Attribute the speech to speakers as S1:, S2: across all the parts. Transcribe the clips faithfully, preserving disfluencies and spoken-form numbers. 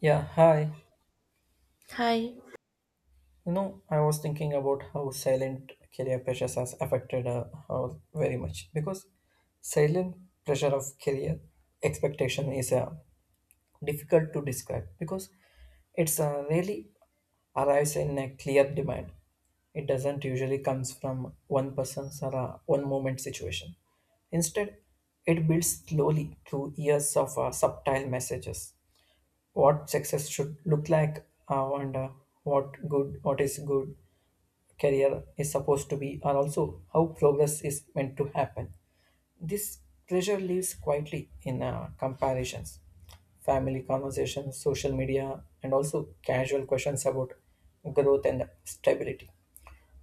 S1: Yeah, hi.
S2: Hi.
S1: You know, I was thinking about how silent career pressures has affected uh, how very much because silent pressure of career expectation is uh, difficult to describe because it's uh, really arrives in a clear demand. It doesn't usually comes from one person's or uh, one moment situation. Instead, it builds slowly through years of uh, subtle messages what success should look like uh, and uh, what good what is good career is supposed to be and also how progress is meant to happen. This pressure lives quietly in uh, comparisons, family conversations, social media, and also casual questions about growth and stability.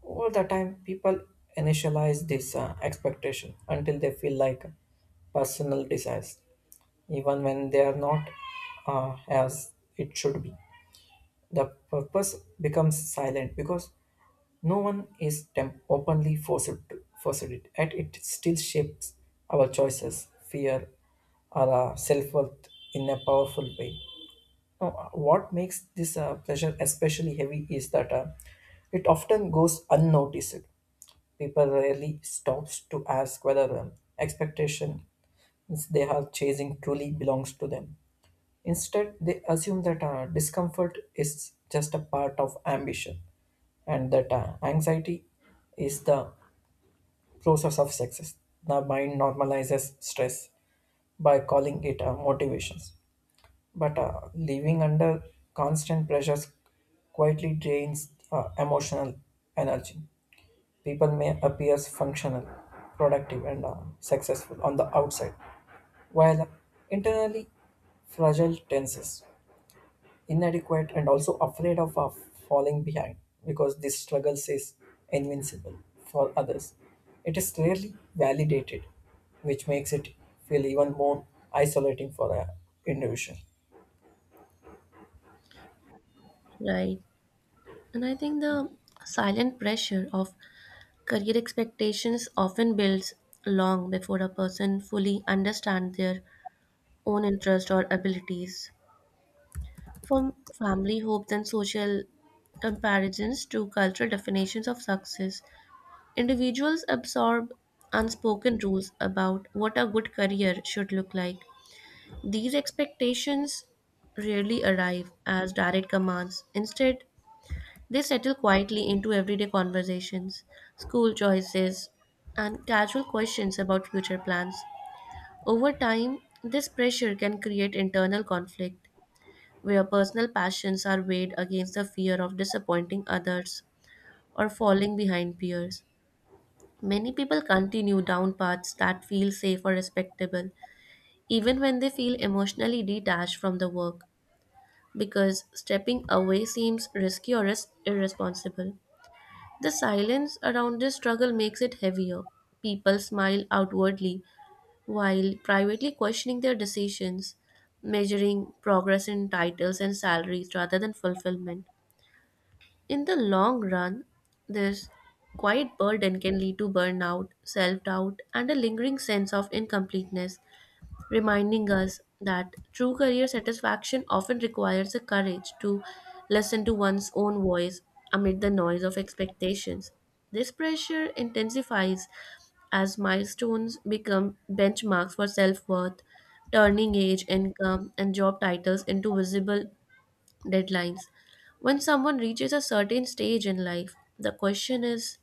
S1: All the time, people initialize this uh, expectation until they feel like personal desires, even when they are not uh, as it should be. The purpose becomes silent because no one is temp- openly forced to forced it yet it still shapes our choices fear or uh, self-worth in a powerful way. Now, uh, what makes this uh, pleasure especially heavy is that uh, it often goes unnoticed. People rarely stops to ask whether um, expectations they are chasing truly belongs to them. Instead, they assume that uh, discomfort is just a part of ambition and that uh, anxiety is the process of success. The mind normalizes stress by calling it uh, motivations. But uh, living under constant pressures quietly drains uh, emotional energy. People may appear functional, productive, and uh, successful on the outside, while internally fragile tenses inadequate and also afraid of, of falling behind because this struggle is invincible for others. It is rarely validated, which makes it feel even more isolating for an individual.
S2: Right. And I think the silent pressure of career expectations often builds long before a person fully understands their own interest or abilities. From family hopes and social comparisons to cultural definitions of success, individuals absorb unspoken rules about what a good career should look like. These expectations rarely arrive as direct commands. Instead, they settle quietly into everyday conversations, school choices, and casual questions about future plans. Over time, this pressure can create internal conflict where personal passions are weighed against the fear of disappointing others or falling behind peers. Many people continue down paths that feel safe or respectable, even when they feel emotionally detached from the work, because stepping away seems risky or is irresponsible. The silence around this struggle makes it heavier. People smile outwardly while privately questioning their decisions, measuring progress in titles and salaries rather than fulfillment. In the long run, this quiet burden can lead to burnout, self doubt, and a lingering sense of incompleteness reminding us that true career satisfaction often requires the courage to listen to one's own voice amid the noise of expectations. This pressure intensifies as milestones become benchmarks for self worth, turning age, income, and job titles into visible deadlines. When someone reaches a certain stage in life, the question is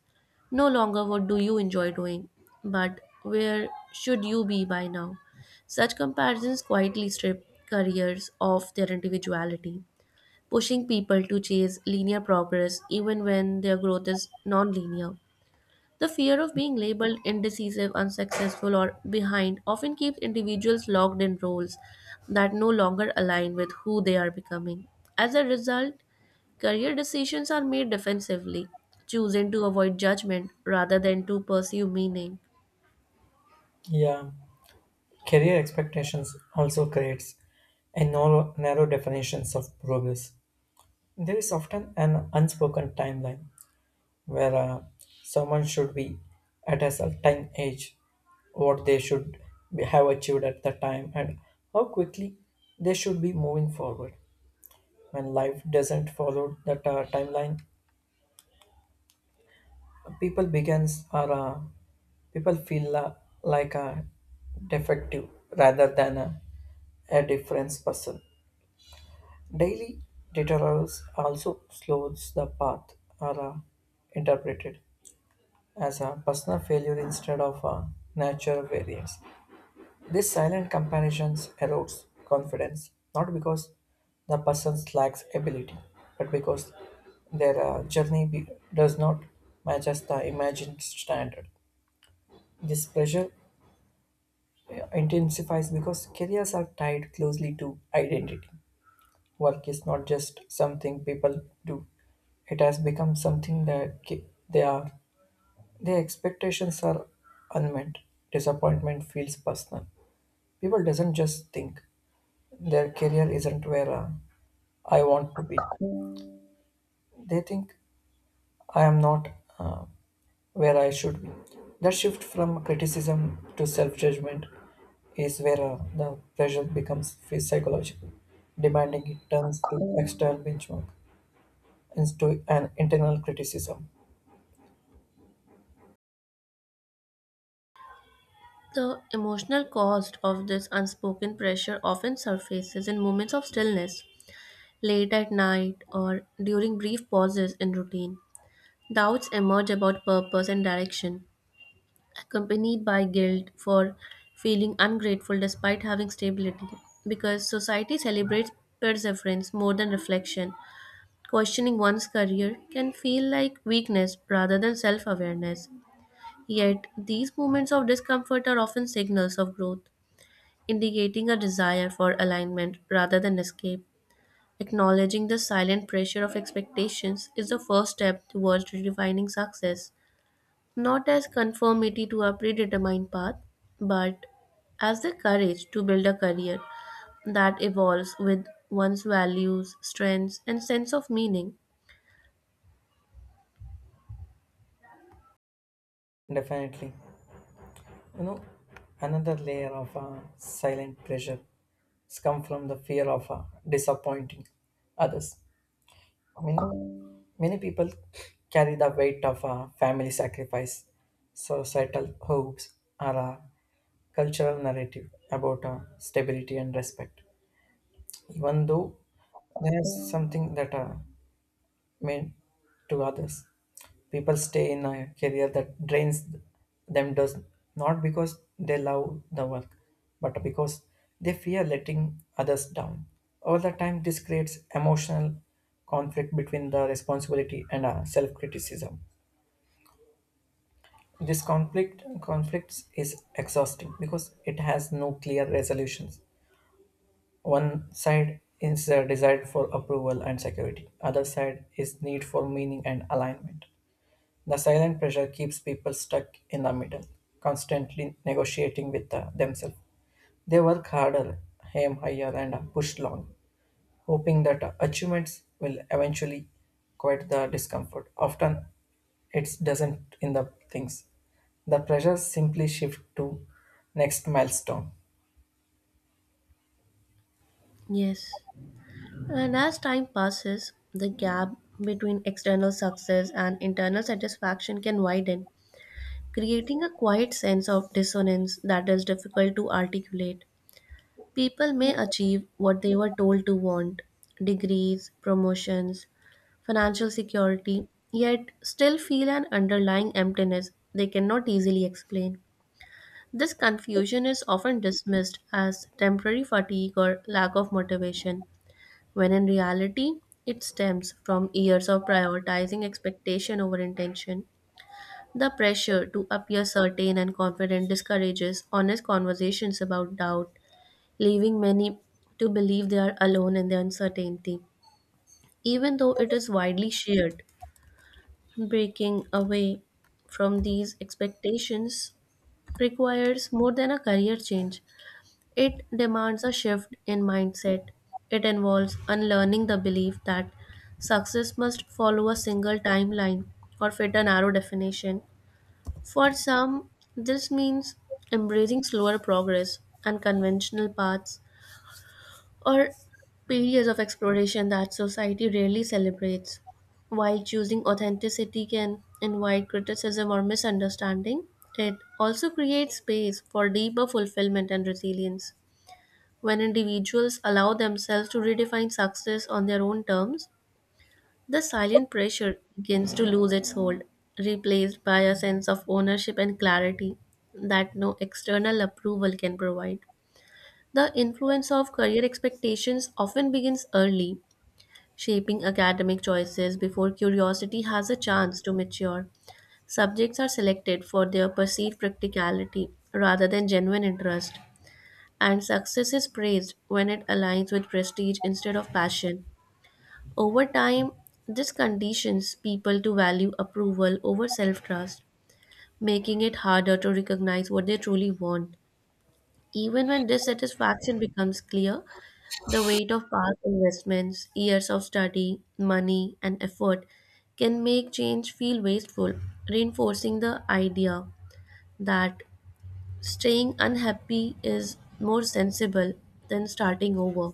S2: no longer what do you enjoy doing, but where should you be by now? Such comparisons quietly strip careers of their individuality, pushing people to chase linear progress even when their growth is non linear. The fear of being labeled indecisive, unsuccessful, or behind often keeps individuals locked in roles that no longer align with who they are becoming. As a result, career decisions are made defensively, choosing to avoid judgment rather than to pursue meaning.
S1: Yeah, career expectations also creates a narrow, narrow definitions of progress. There is often an unspoken timeline where uh, someone should be at a certain age, what they should be, have achieved at the time, and how quickly they should be moving forward. When life doesn't follow that uh, timeline, people begins are uh, people feel la like a defective rather than a, a difference person. Daily deterrence also slows the path are uh, interpreted as a personal failure instead of a natural variance. This silent comparisons erodes confidence, not because the person lacks ability, but because their uh, journey be- does not match as the imagined standard. This pressure uh, intensifies because careers are tied closely to identity. Work is not just something people do; it has become something that ca- they are. Their expectations are unmet. Disappointment feels personal. People doesn't just think; their career isn't where uh, I want to be. They think I am not uh, where I should be. That shift from criticism to self judgment is where uh, the pressure becomes phy- psychological, demanding it turns to external benchmark into an internal criticism.
S2: The emotional cost of this unspoken pressure often surfaces in moments of stillness, late at night, or during brief pauses in routine. Doubts emerge about purpose and direction, accompanied by guilt for feeling ungrateful despite having stability, because society celebrates perseverance more than reflection. Questioning one's career can feel like weakness rather than self awareness. Yet, these moments of discomfort are often signals of growth, indicating a desire for alignment rather than escape. Acknowledging the silent pressure of expectations is the first step towards redefining success, not as conformity to a predetermined path, but as the courage to build a career that evolves with one's values, strengths, and sense of meaning.
S1: Definitely. You know, another layer of uh, silent pressure has come from the fear of uh, disappointing others. I mean, many people carry the weight of uh, family sacrifice, societal hopes, or a cultural narrative about uh, stability and respect. Even though there's something that uh, meant to others. People stay in a career that drains them does not because they love the work, but because they fear letting others down. Over the time, this creates emotional conflict between the responsibility and uh, self-criticism. This conflict conflicts is exhausting because it has no clear resolutions. One side is a desire for approval and security. Other side is need for meaning and alignment. The silent pressure keeps people stuck in the middle, constantly negotiating with uh, themselves. They work harder, aim higher, and uh, push long, hoping that uh, achievements will eventually quiet the discomfort. Often, it doesn't in the things. The pressure simply shift to next milestone.
S2: Yes. And as time passes, the gap between external success and internal satisfaction can widen, creating a quiet sense of dissonance that is difficult to articulate. People may achieve what they were told to want: degrees, promotions, financial security, yet still feel an underlying emptiness they cannot easily explain. This confusion is often dismissed as temporary fatigue or lack of motivation, when in reality, it stems from years of prioritizing expectation over intention. The pressure to appear certain and confident discourages honest conversations about doubt, leaving many to believe they are alone in their uncertainty, even though it is widely shared. Breaking away from these expectations requires more than a career change. It demands a shift in mindset. It involves unlearning the belief that success must follow a single timeline or fit a narrow definition. For some, this means embracing slower progress and conventional paths or periods of exploration that society rarely celebrates. While choosing authenticity can invite criticism or misunderstanding, it also creates space for deeper fulfillment and resilience. When individuals allow themselves to redefine success on their own terms, the silent pressure begins to lose its hold, replaced by a sense of ownership and clarity that no external approval can provide. The influence of career expectations often begins early, shaping academic choices before curiosity has a chance to mature. Subjects are selected for their perceived practicality rather than genuine interest, and success is praised when it aligns with prestige instead of passion. Over time, this conditions people to value approval over self trust, making it harder to recognize what they truly want. Even when dissatisfaction becomes clear, the weight of past investments, years of study, money, and effort can make change feel wasteful, reinforcing the idea that staying unhappy is more sensible than starting over.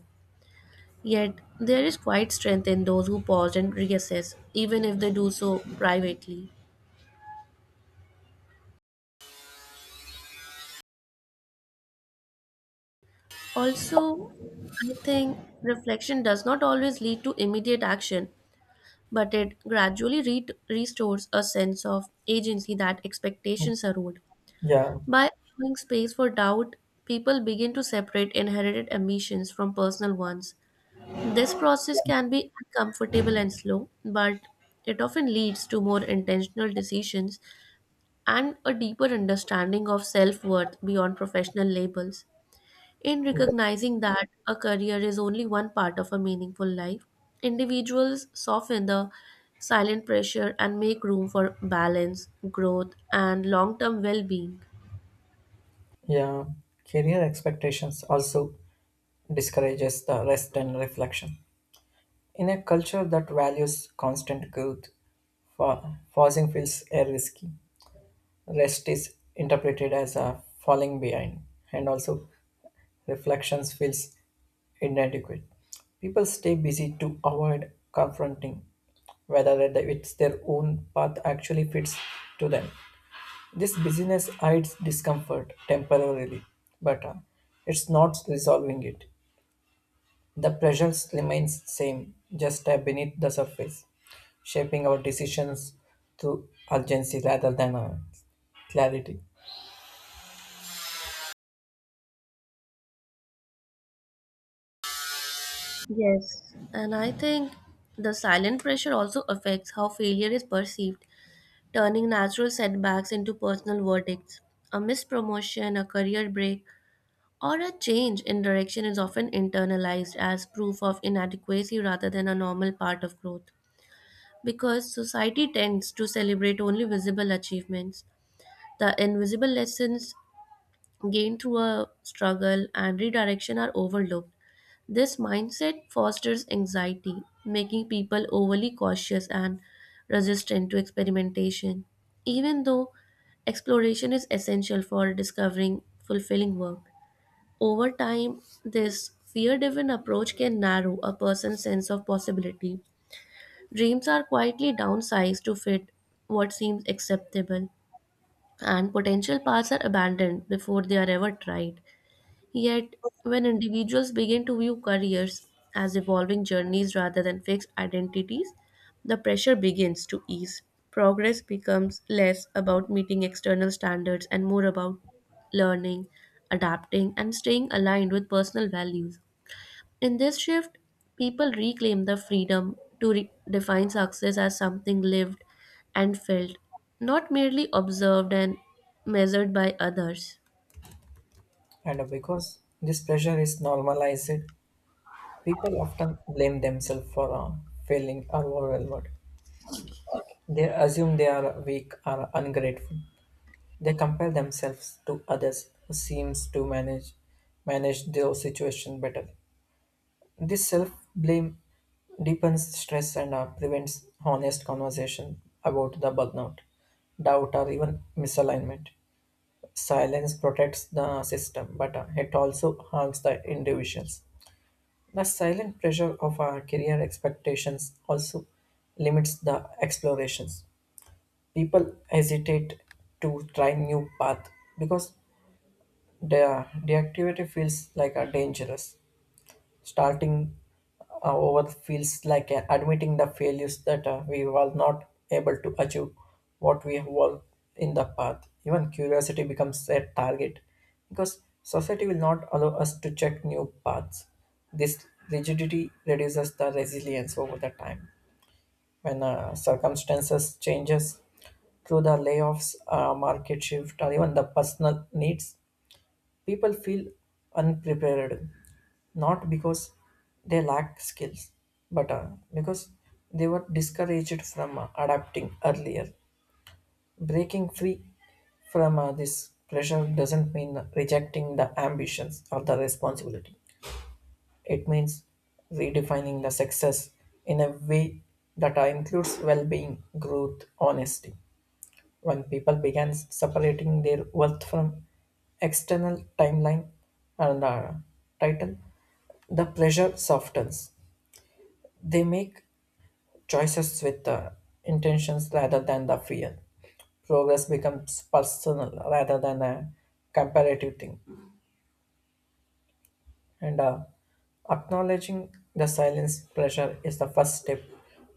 S2: Yet, there is quite strength in those who pause and reassess, even if they do so privately. Also, I think reflection does not always lead to immediate action, but it gradually re- restores a sense of agency that expectations erode.
S1: Yeah,
S2: By allowing space for doubt, people begin to separate inherited ambitions from personal ones. This process can be uncomfortable and slow, but it often leads to more intentional decisions and a deeper understanding of self worth beyond professional labels. In
S1: yeah,
S2: recognizing that a career is only one part of a meaningful life, individuals soften the silent pressure and make room for balance, growth, and long term well being.
S1: yeah. Career expectations also discourages the rest and reflection. In a culture that values constant growth, fa- pausing feels uh, risky. Rest is interpreted as a falling behind, and also reflections feels inadequate. People stay busy to avoid confronting whether that it's their own path actually fits to them. This busyness hides discomfort temporarily, but uh, it's not resolving it. The pressures remains same, just uh, beneath the surface, shaping our decisions through urgency rather than uh, clarity.
S2: Yes. And I think the silent pressure also affects how failure is perceived, turning natural setbacks into personal verdicts. A missed promotion, a career break, or a change in direction is often internalized as proof of inadequacy rather than a normal part of growth, because society tends to celebrate only visible achievements. The invisible lessons gained through a struggle and redirection are overlooked. This mindset fosters anxiety, making people overly cautious and resistant to experimentation. Even though exploration is essential for discovering fulfilling work, over time, this fear driven approach can narrow a person's sense of possibility. Dreams are quietly downsized to fit what seems acceptable, and potential paths are abandoned before they are ever tried. Yet, when individuals begin to view careers as evolving journeys rather than fixed identities, the pressure begins to ease. Progress becomes less about meeting external standards and more about learning, adapting, and staying aligned with personal values. In this shift, people reclaim the freedom to re- define success as something lived and felt, not merely observed and measured by others.
S1: And because this pressure is normalized, people often blame themselves for uh, failing or overwhelmed. They assume they are weak or ungrateful. They compare themselves to others who seems to manage manage their situation better. This self blame deepens stress and uh, prevents honest conversation about the burnout, doubt, or even misalignment. Silence protects the system, but uh, it also harms the individuals. The silent pressure of our career expectations also limits the explorations. People hesitate to try new path because their deactivity feels like a dangerous. Starting uh, over feels like uh, admitting the failures that uh, we were not able to achieve what we have won in the path. Even curiosity becomes a target because society will not allow us to check new paths. This rigidity reduces the resilience over the time. When uh, circumstances changes through the layoffs, uh, market shift, or even the personal needs, people feel unprepared, not because they lack skills, but uh, because they were discouraged from uh, adapting earlier. Breaking free from uh, this pressure doesn't mean rejecting the ambitions or the responsibility. It means redefining the success in a way that uh, includes well being, growth, honesty when people began separating their worth from external timeline and uh, title, the pressure softens. They make choices with uh, intentions rather than the fear. Progress becomes personal rather than a comparative thing. And uh, acknowledging the silence pressure is the first step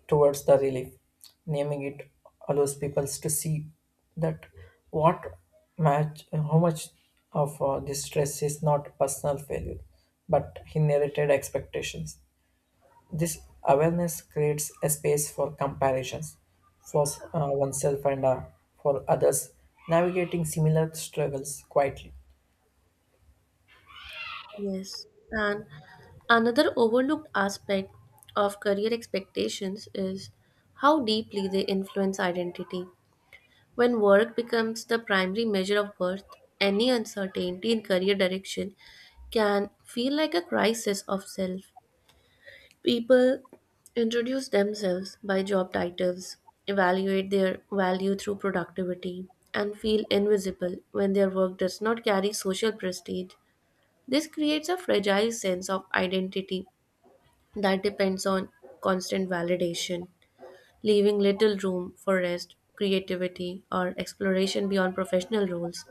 S1: towards the relief. Naming it allows people to see that what match, how much of uh, this stress is not personal failure, but inherited expectations. This awareness creates a space for comparisons for uh, oneself and uh, for others, navigating similar struggles quietly.
S2: Yes. And another overlooked aspect of career expectations is how deeply they influence identity. When work becomes the primary measure of worth, any uncertainty in career direction can feel like a crisis of self. People introduce themselves by job titles, evaluate their value through productivity, and feel invisible when their work does not carry social prestige. This creates a fragile sense of identity that depends on constant validation, leaving little room for rest, creativity, or exploration beyond professional roles.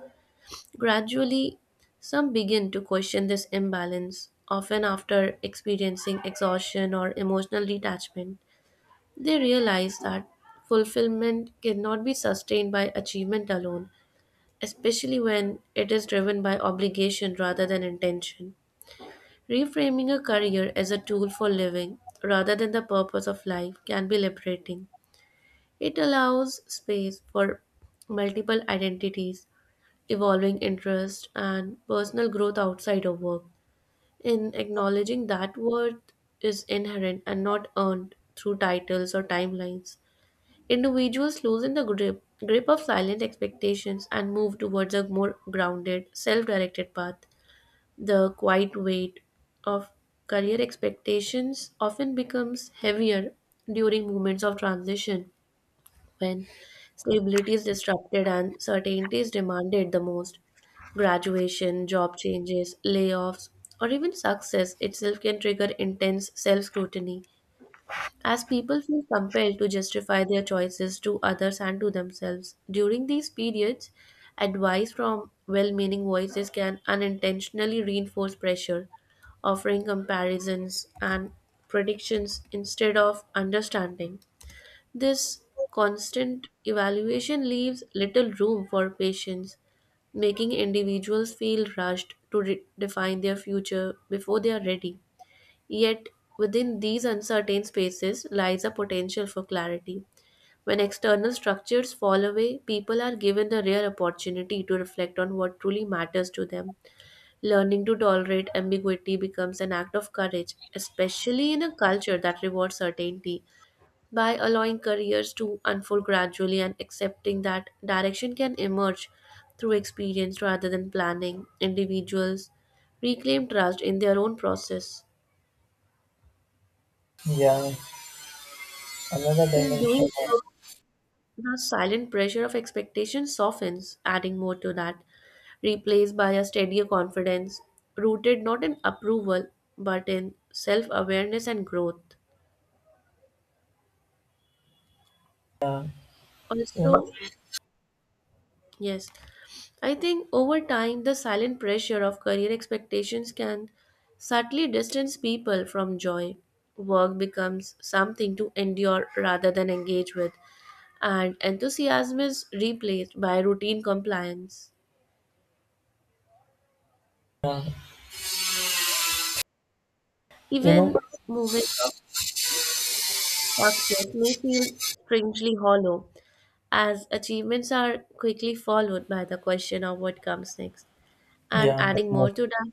S2: Gradually, some begin to question this imbalance, often after experiencing exhaustion or emotional detachment. They realize that fulfillment cannot be sustained by achievement alone, especially when it is driven by obligation rather than intention. Reframing a career as a tool for living rather than the purpose of life can be liberating. It allows space for multiple identities, evolving interests, and personal growth outside of work. In acknowledging that worth is inherent and not earned through titles or timelines, individuals loosen the grip, grip of silent expectations and move towards a more grounded, self directed path. The quiet weight of career expectations often becomes heavier during moments of transition, when stability is disrupted and certainty is demanded the most. Graduation, job changes, layoffs, or even success itself can trigger intense self scrutiny as people feel compelled to justify their choices to others and to themselves. During these periods, advice from well meaning voices can unintentionally reinforce pressure, offering comparisons and predictions instead of understanding. This constant evaluation leaves little room for patience, making individuals feel rushed to re- define their future before they are ready. Yet, within these uncertain spaces lies a potential for clarity. When external structures fall away, people are given a rare opportunity to reflect on what truly matters to them. Learning to tolerate ambiguity becomes an act of courage, especially in a culture that rewards certainty. By allowing careers to unfold gradually and accepting that direction can emerge through experience rather than planning, individuals reclaim trust in their own process.
S1: Yeah, another
S2: In
S1: dimension.
S2: doing so, the silent pressure of expectation softens, adding more to that, replaced by a steadier confidence, rooted not in approval but in self awareness and growth.
S1: Uh, you
S2: Also, yes, I think over time the silent pressure of career expectations can subtly distance people from joy. Work becomes something to endure rather than engage with, and enthusiasm is replaced by routine compliance.
S1: You know,
S2: Even moments of success may feel strangely hollow, as achievements are quickly followed by the question of what comes next. And
S1: yeah,
S2: adding
S1: definitely.
S2: more to that,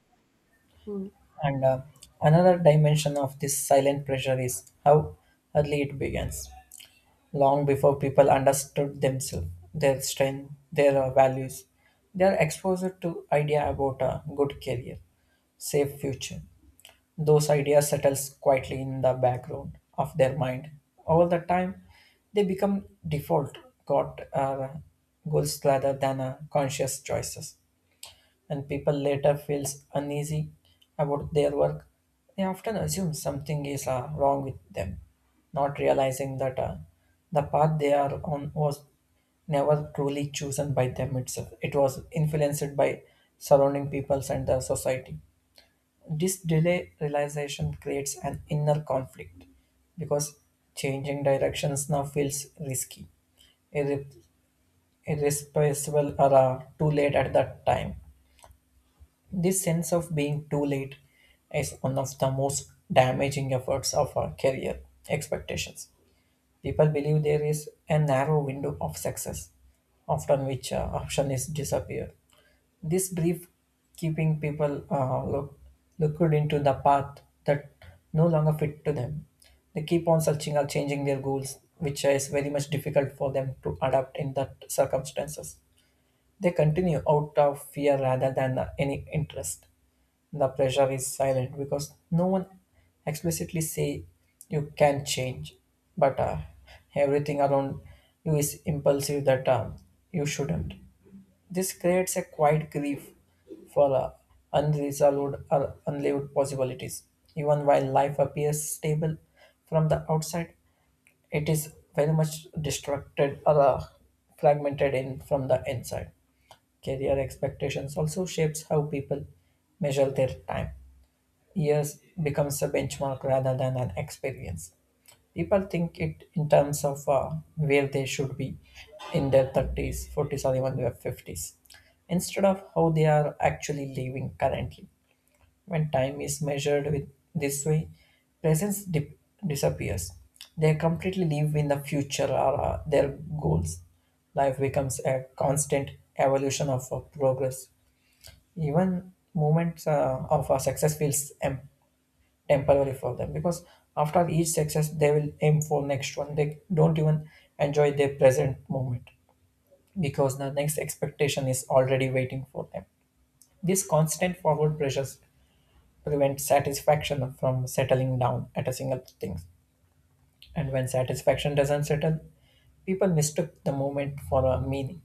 S2: hmm,
S1: And uh, another dimension of this silent pressure is how early it begins, long before people understood themselves, their strength, their uh, values. They are exposed to idea about a good career, safe future. Those ideas settles quietly in the background of their mind. Over the time, they become default got uh, goals rather than uh, conscious choices. And people later feels uneasy about their work, they often assume something is uh, wrong with them, not realizing that uh, the path they are on was never truly chosen by them itself. It was influenced by surrounding peoples and the society. This delay realization creates an inner conflict because changing directions now feels risky, irre- irresponsible, or uh, too late at that time. This sense of being too late is one of the most damaging efforts of our career expectations. People believe there is a narrow window of success, often which uh, option is disappear. This brief keeping people uh, look, looked into the path that no longer fit to them. They keep on searching or changing their goals, which is very much difficult for them to adapt in that circumstances. They continue out of fear rather than uh, any interest. The pressure is silent because no one explicitly say you can change, but uh, everything around you is impulsive that uh, you shouldn't. This creates a quiet grief for uh, unresolved or unlived possibilities, even while life appears stable from the outside. It is very much distracted or uh, fragmented in from the inside. Career expectations also shapes how people measure their time. Years becomes a benchmark rather than an experience. People think it in terms of uh, where they should be in their thirties, forties, or even their fifties, instead of how they are actually living currently. When time is measured with this way, presence dip- disappears. They completely live in the future or uh, their goals. Life becomes a constant evolution of uh, progress. Even moments uh, of uh, success feels empty temporary for them, because after each success they will aim for next one. They don't even enjoy their present moment because the next expectation is already waiting for them. This constant forward pressures prevent satisfaction from settling down at a single thing. And when satisfaction doesn't settle, people mistook the moment for a meaning.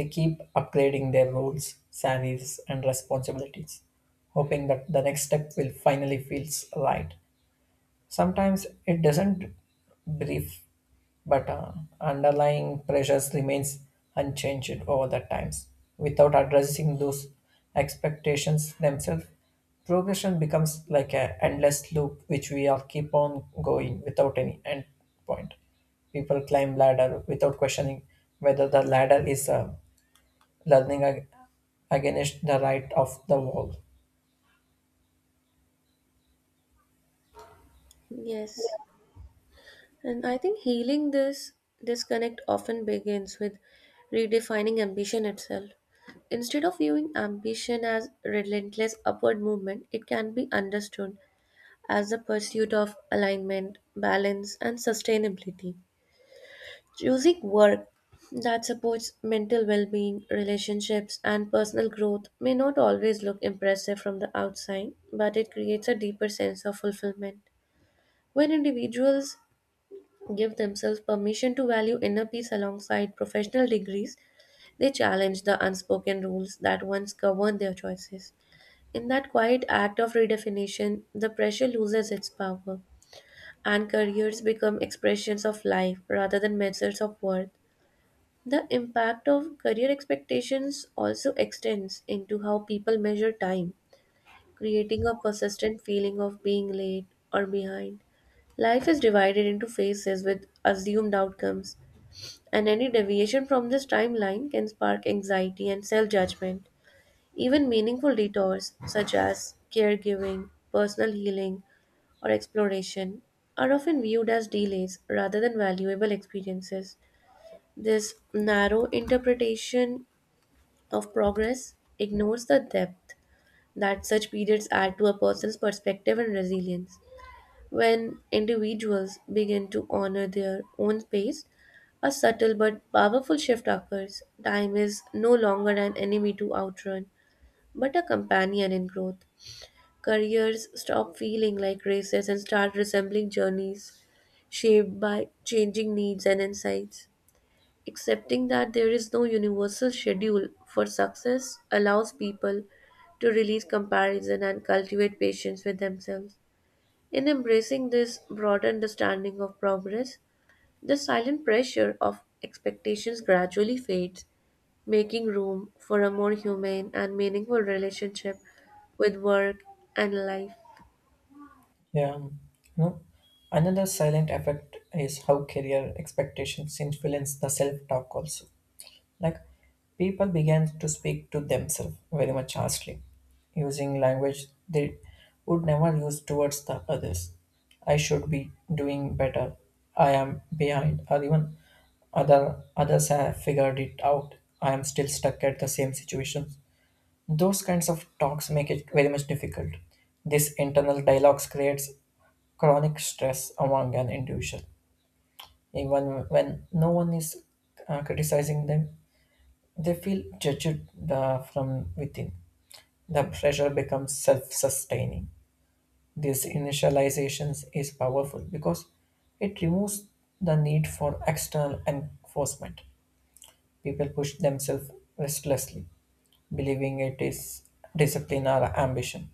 S1: They keep upgrading their roles salaries and responsibilities, hoping that the next step will finally feels right. Sometimes it doesn't brief, but uh, underlying pressures remains unchanged over the times. Without addressing those expectations themselves, progression becomes like an endless loop which we all keep on going without any end point. People climb ladder without questioning whether the ladder is uh, learning ag- against the right of the wall.
S2: yes, and I think healing this disconnect often begins with redefining ambition itself. Instead of viewing ambition as relentless upward movement, it can be understood as the pursuit of alignment, balance, and sustainability. Choosing work that supports mental well being, relationships, and personal growth may not always look impressive from the outside, but it creates a deeper sense of fulfillment. When individuals give themselves permission to value inner peace alongside professional degrees, they challenge the unspoken rules that once governed their choices. In that quiet act of redefinition, the pressure loses its power, and careers become expressions of life rather than measures of worth. The impact of career expectations also extends into how people measure time, creating a persistent feeling of being late or behind. Life is divided into phases with assumed outcomes, and any deviation from this timeline can spark anxiety and self judgment. Even meaningful detours, such as caregiving, personal healing, or exploration, are often viewed as delays rather than valuable experiences. This narrow interpretation of progress ignores the depth that such periods add to a person's perspective and resilience. When individuals begin to honor their own pace, a subtle but powerful shift occurs. Time is no longer an enemy to outrun, but a companion in growth. Careers stop feeling like races and start resembling journeys shaped by changing needs and insights. Accepting that there is no universal schedule for success allows people to release comparison and cultivate patience with themselves. In embracing this broader understanding of progress, the silent pressure of expectations gradually fades, making room for a more humane and meaningful relationship with work and life.
S1: Yeah, um, you know, another silent effect is how career expectations influence the self-talk also. Like people began to speak to themselves very much harshly, using language they would never use towards the others. I should be doing better. I am behind, or even other others have figured it out. I am still stuck at the same situation. Those kinds of talks make it very much difficult. This internal dialogues creates chronic stress among an individual. Even when no one is uh, criticizing them, they feel judged uh, from within. The pressure becomes self-sustaining. This initialization is powerful because it removes the need for external enforcement. People push themselves restlessly believing it is discipline or ambition.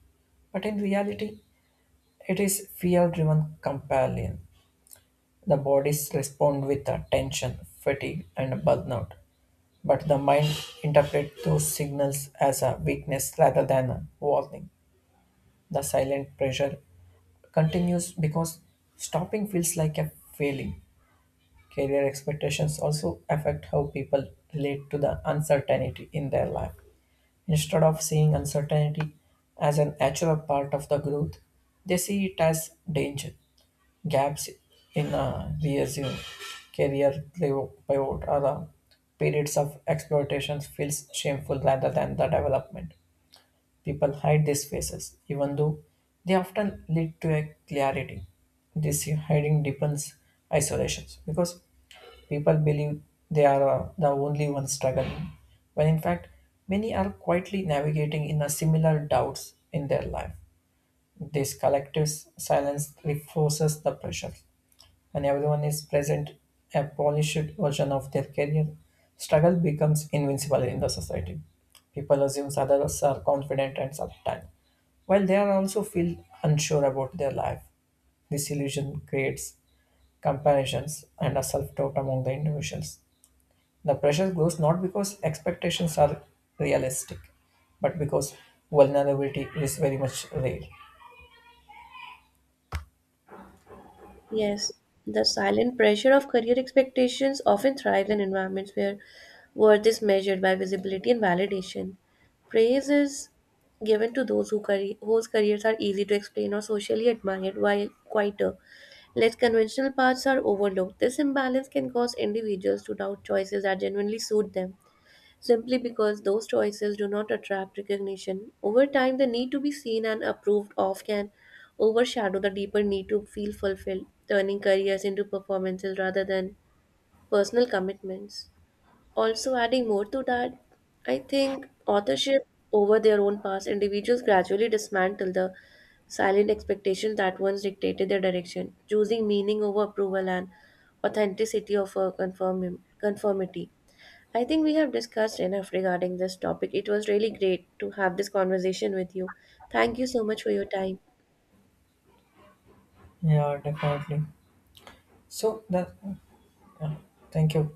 S1: But in reality, it is fear driven compulsion. The bodies respond with uh, tension, fatigue, and burnout, but the mind interprets those signals as a weakness rather than a warning. The silent pressure continues because stopping feels like a failing. Career expectations also affect how people relate to the uncertainty in their life. Instead of seeing uncertainty as an natural part of the growth, they see it as danger. Gaps in a resume, career pivot, or the periods of exploitation feels shameful rather than the development. People hide these faces, even though they often lead to a clarity. This hiding deepens isolations because people believe they are uh, the only ones struggling, when in fact, many are quietly navigating in a similar doubts in their life. This collective s- silence reinforces the pressure. When everyone is present, a polished version of their career, struggle becomes invincible in the society. People assume others are confident and certain, while they are also feel unsure about their life. This illusion creates comparisons and a self-doubt among the individuals. The pressure grows not because expectations are realistic, but because vulnerability is very much real.
S2: Yes, the silent pressure of career expectations often thrives in environments where worth is measured by visibility and validation. Praise is given to those who carry, whose careers are easy to explain or socially admired, while quieter, less conventional paths are overlooked. This imbalance can cause individuals to doubt choices that genuinely suit them simply because those choices do not attract recognition. Over time, the need to be seen and approved of can overshadow the deeper need to feel fulfilled, turning careers into performances rather than personal commitments. Also, adding more to that, I think authorship over their own past, individuals gradually dismantle the silent expectations that once dictated their direction, choosing meaning over approval and authenticity of a conform- conformity. I think we have discussed enough regarding this topic. It was really great to have this conversation with you. Thank you so much for your time.
S1: Yeah, definitely. So that thank you.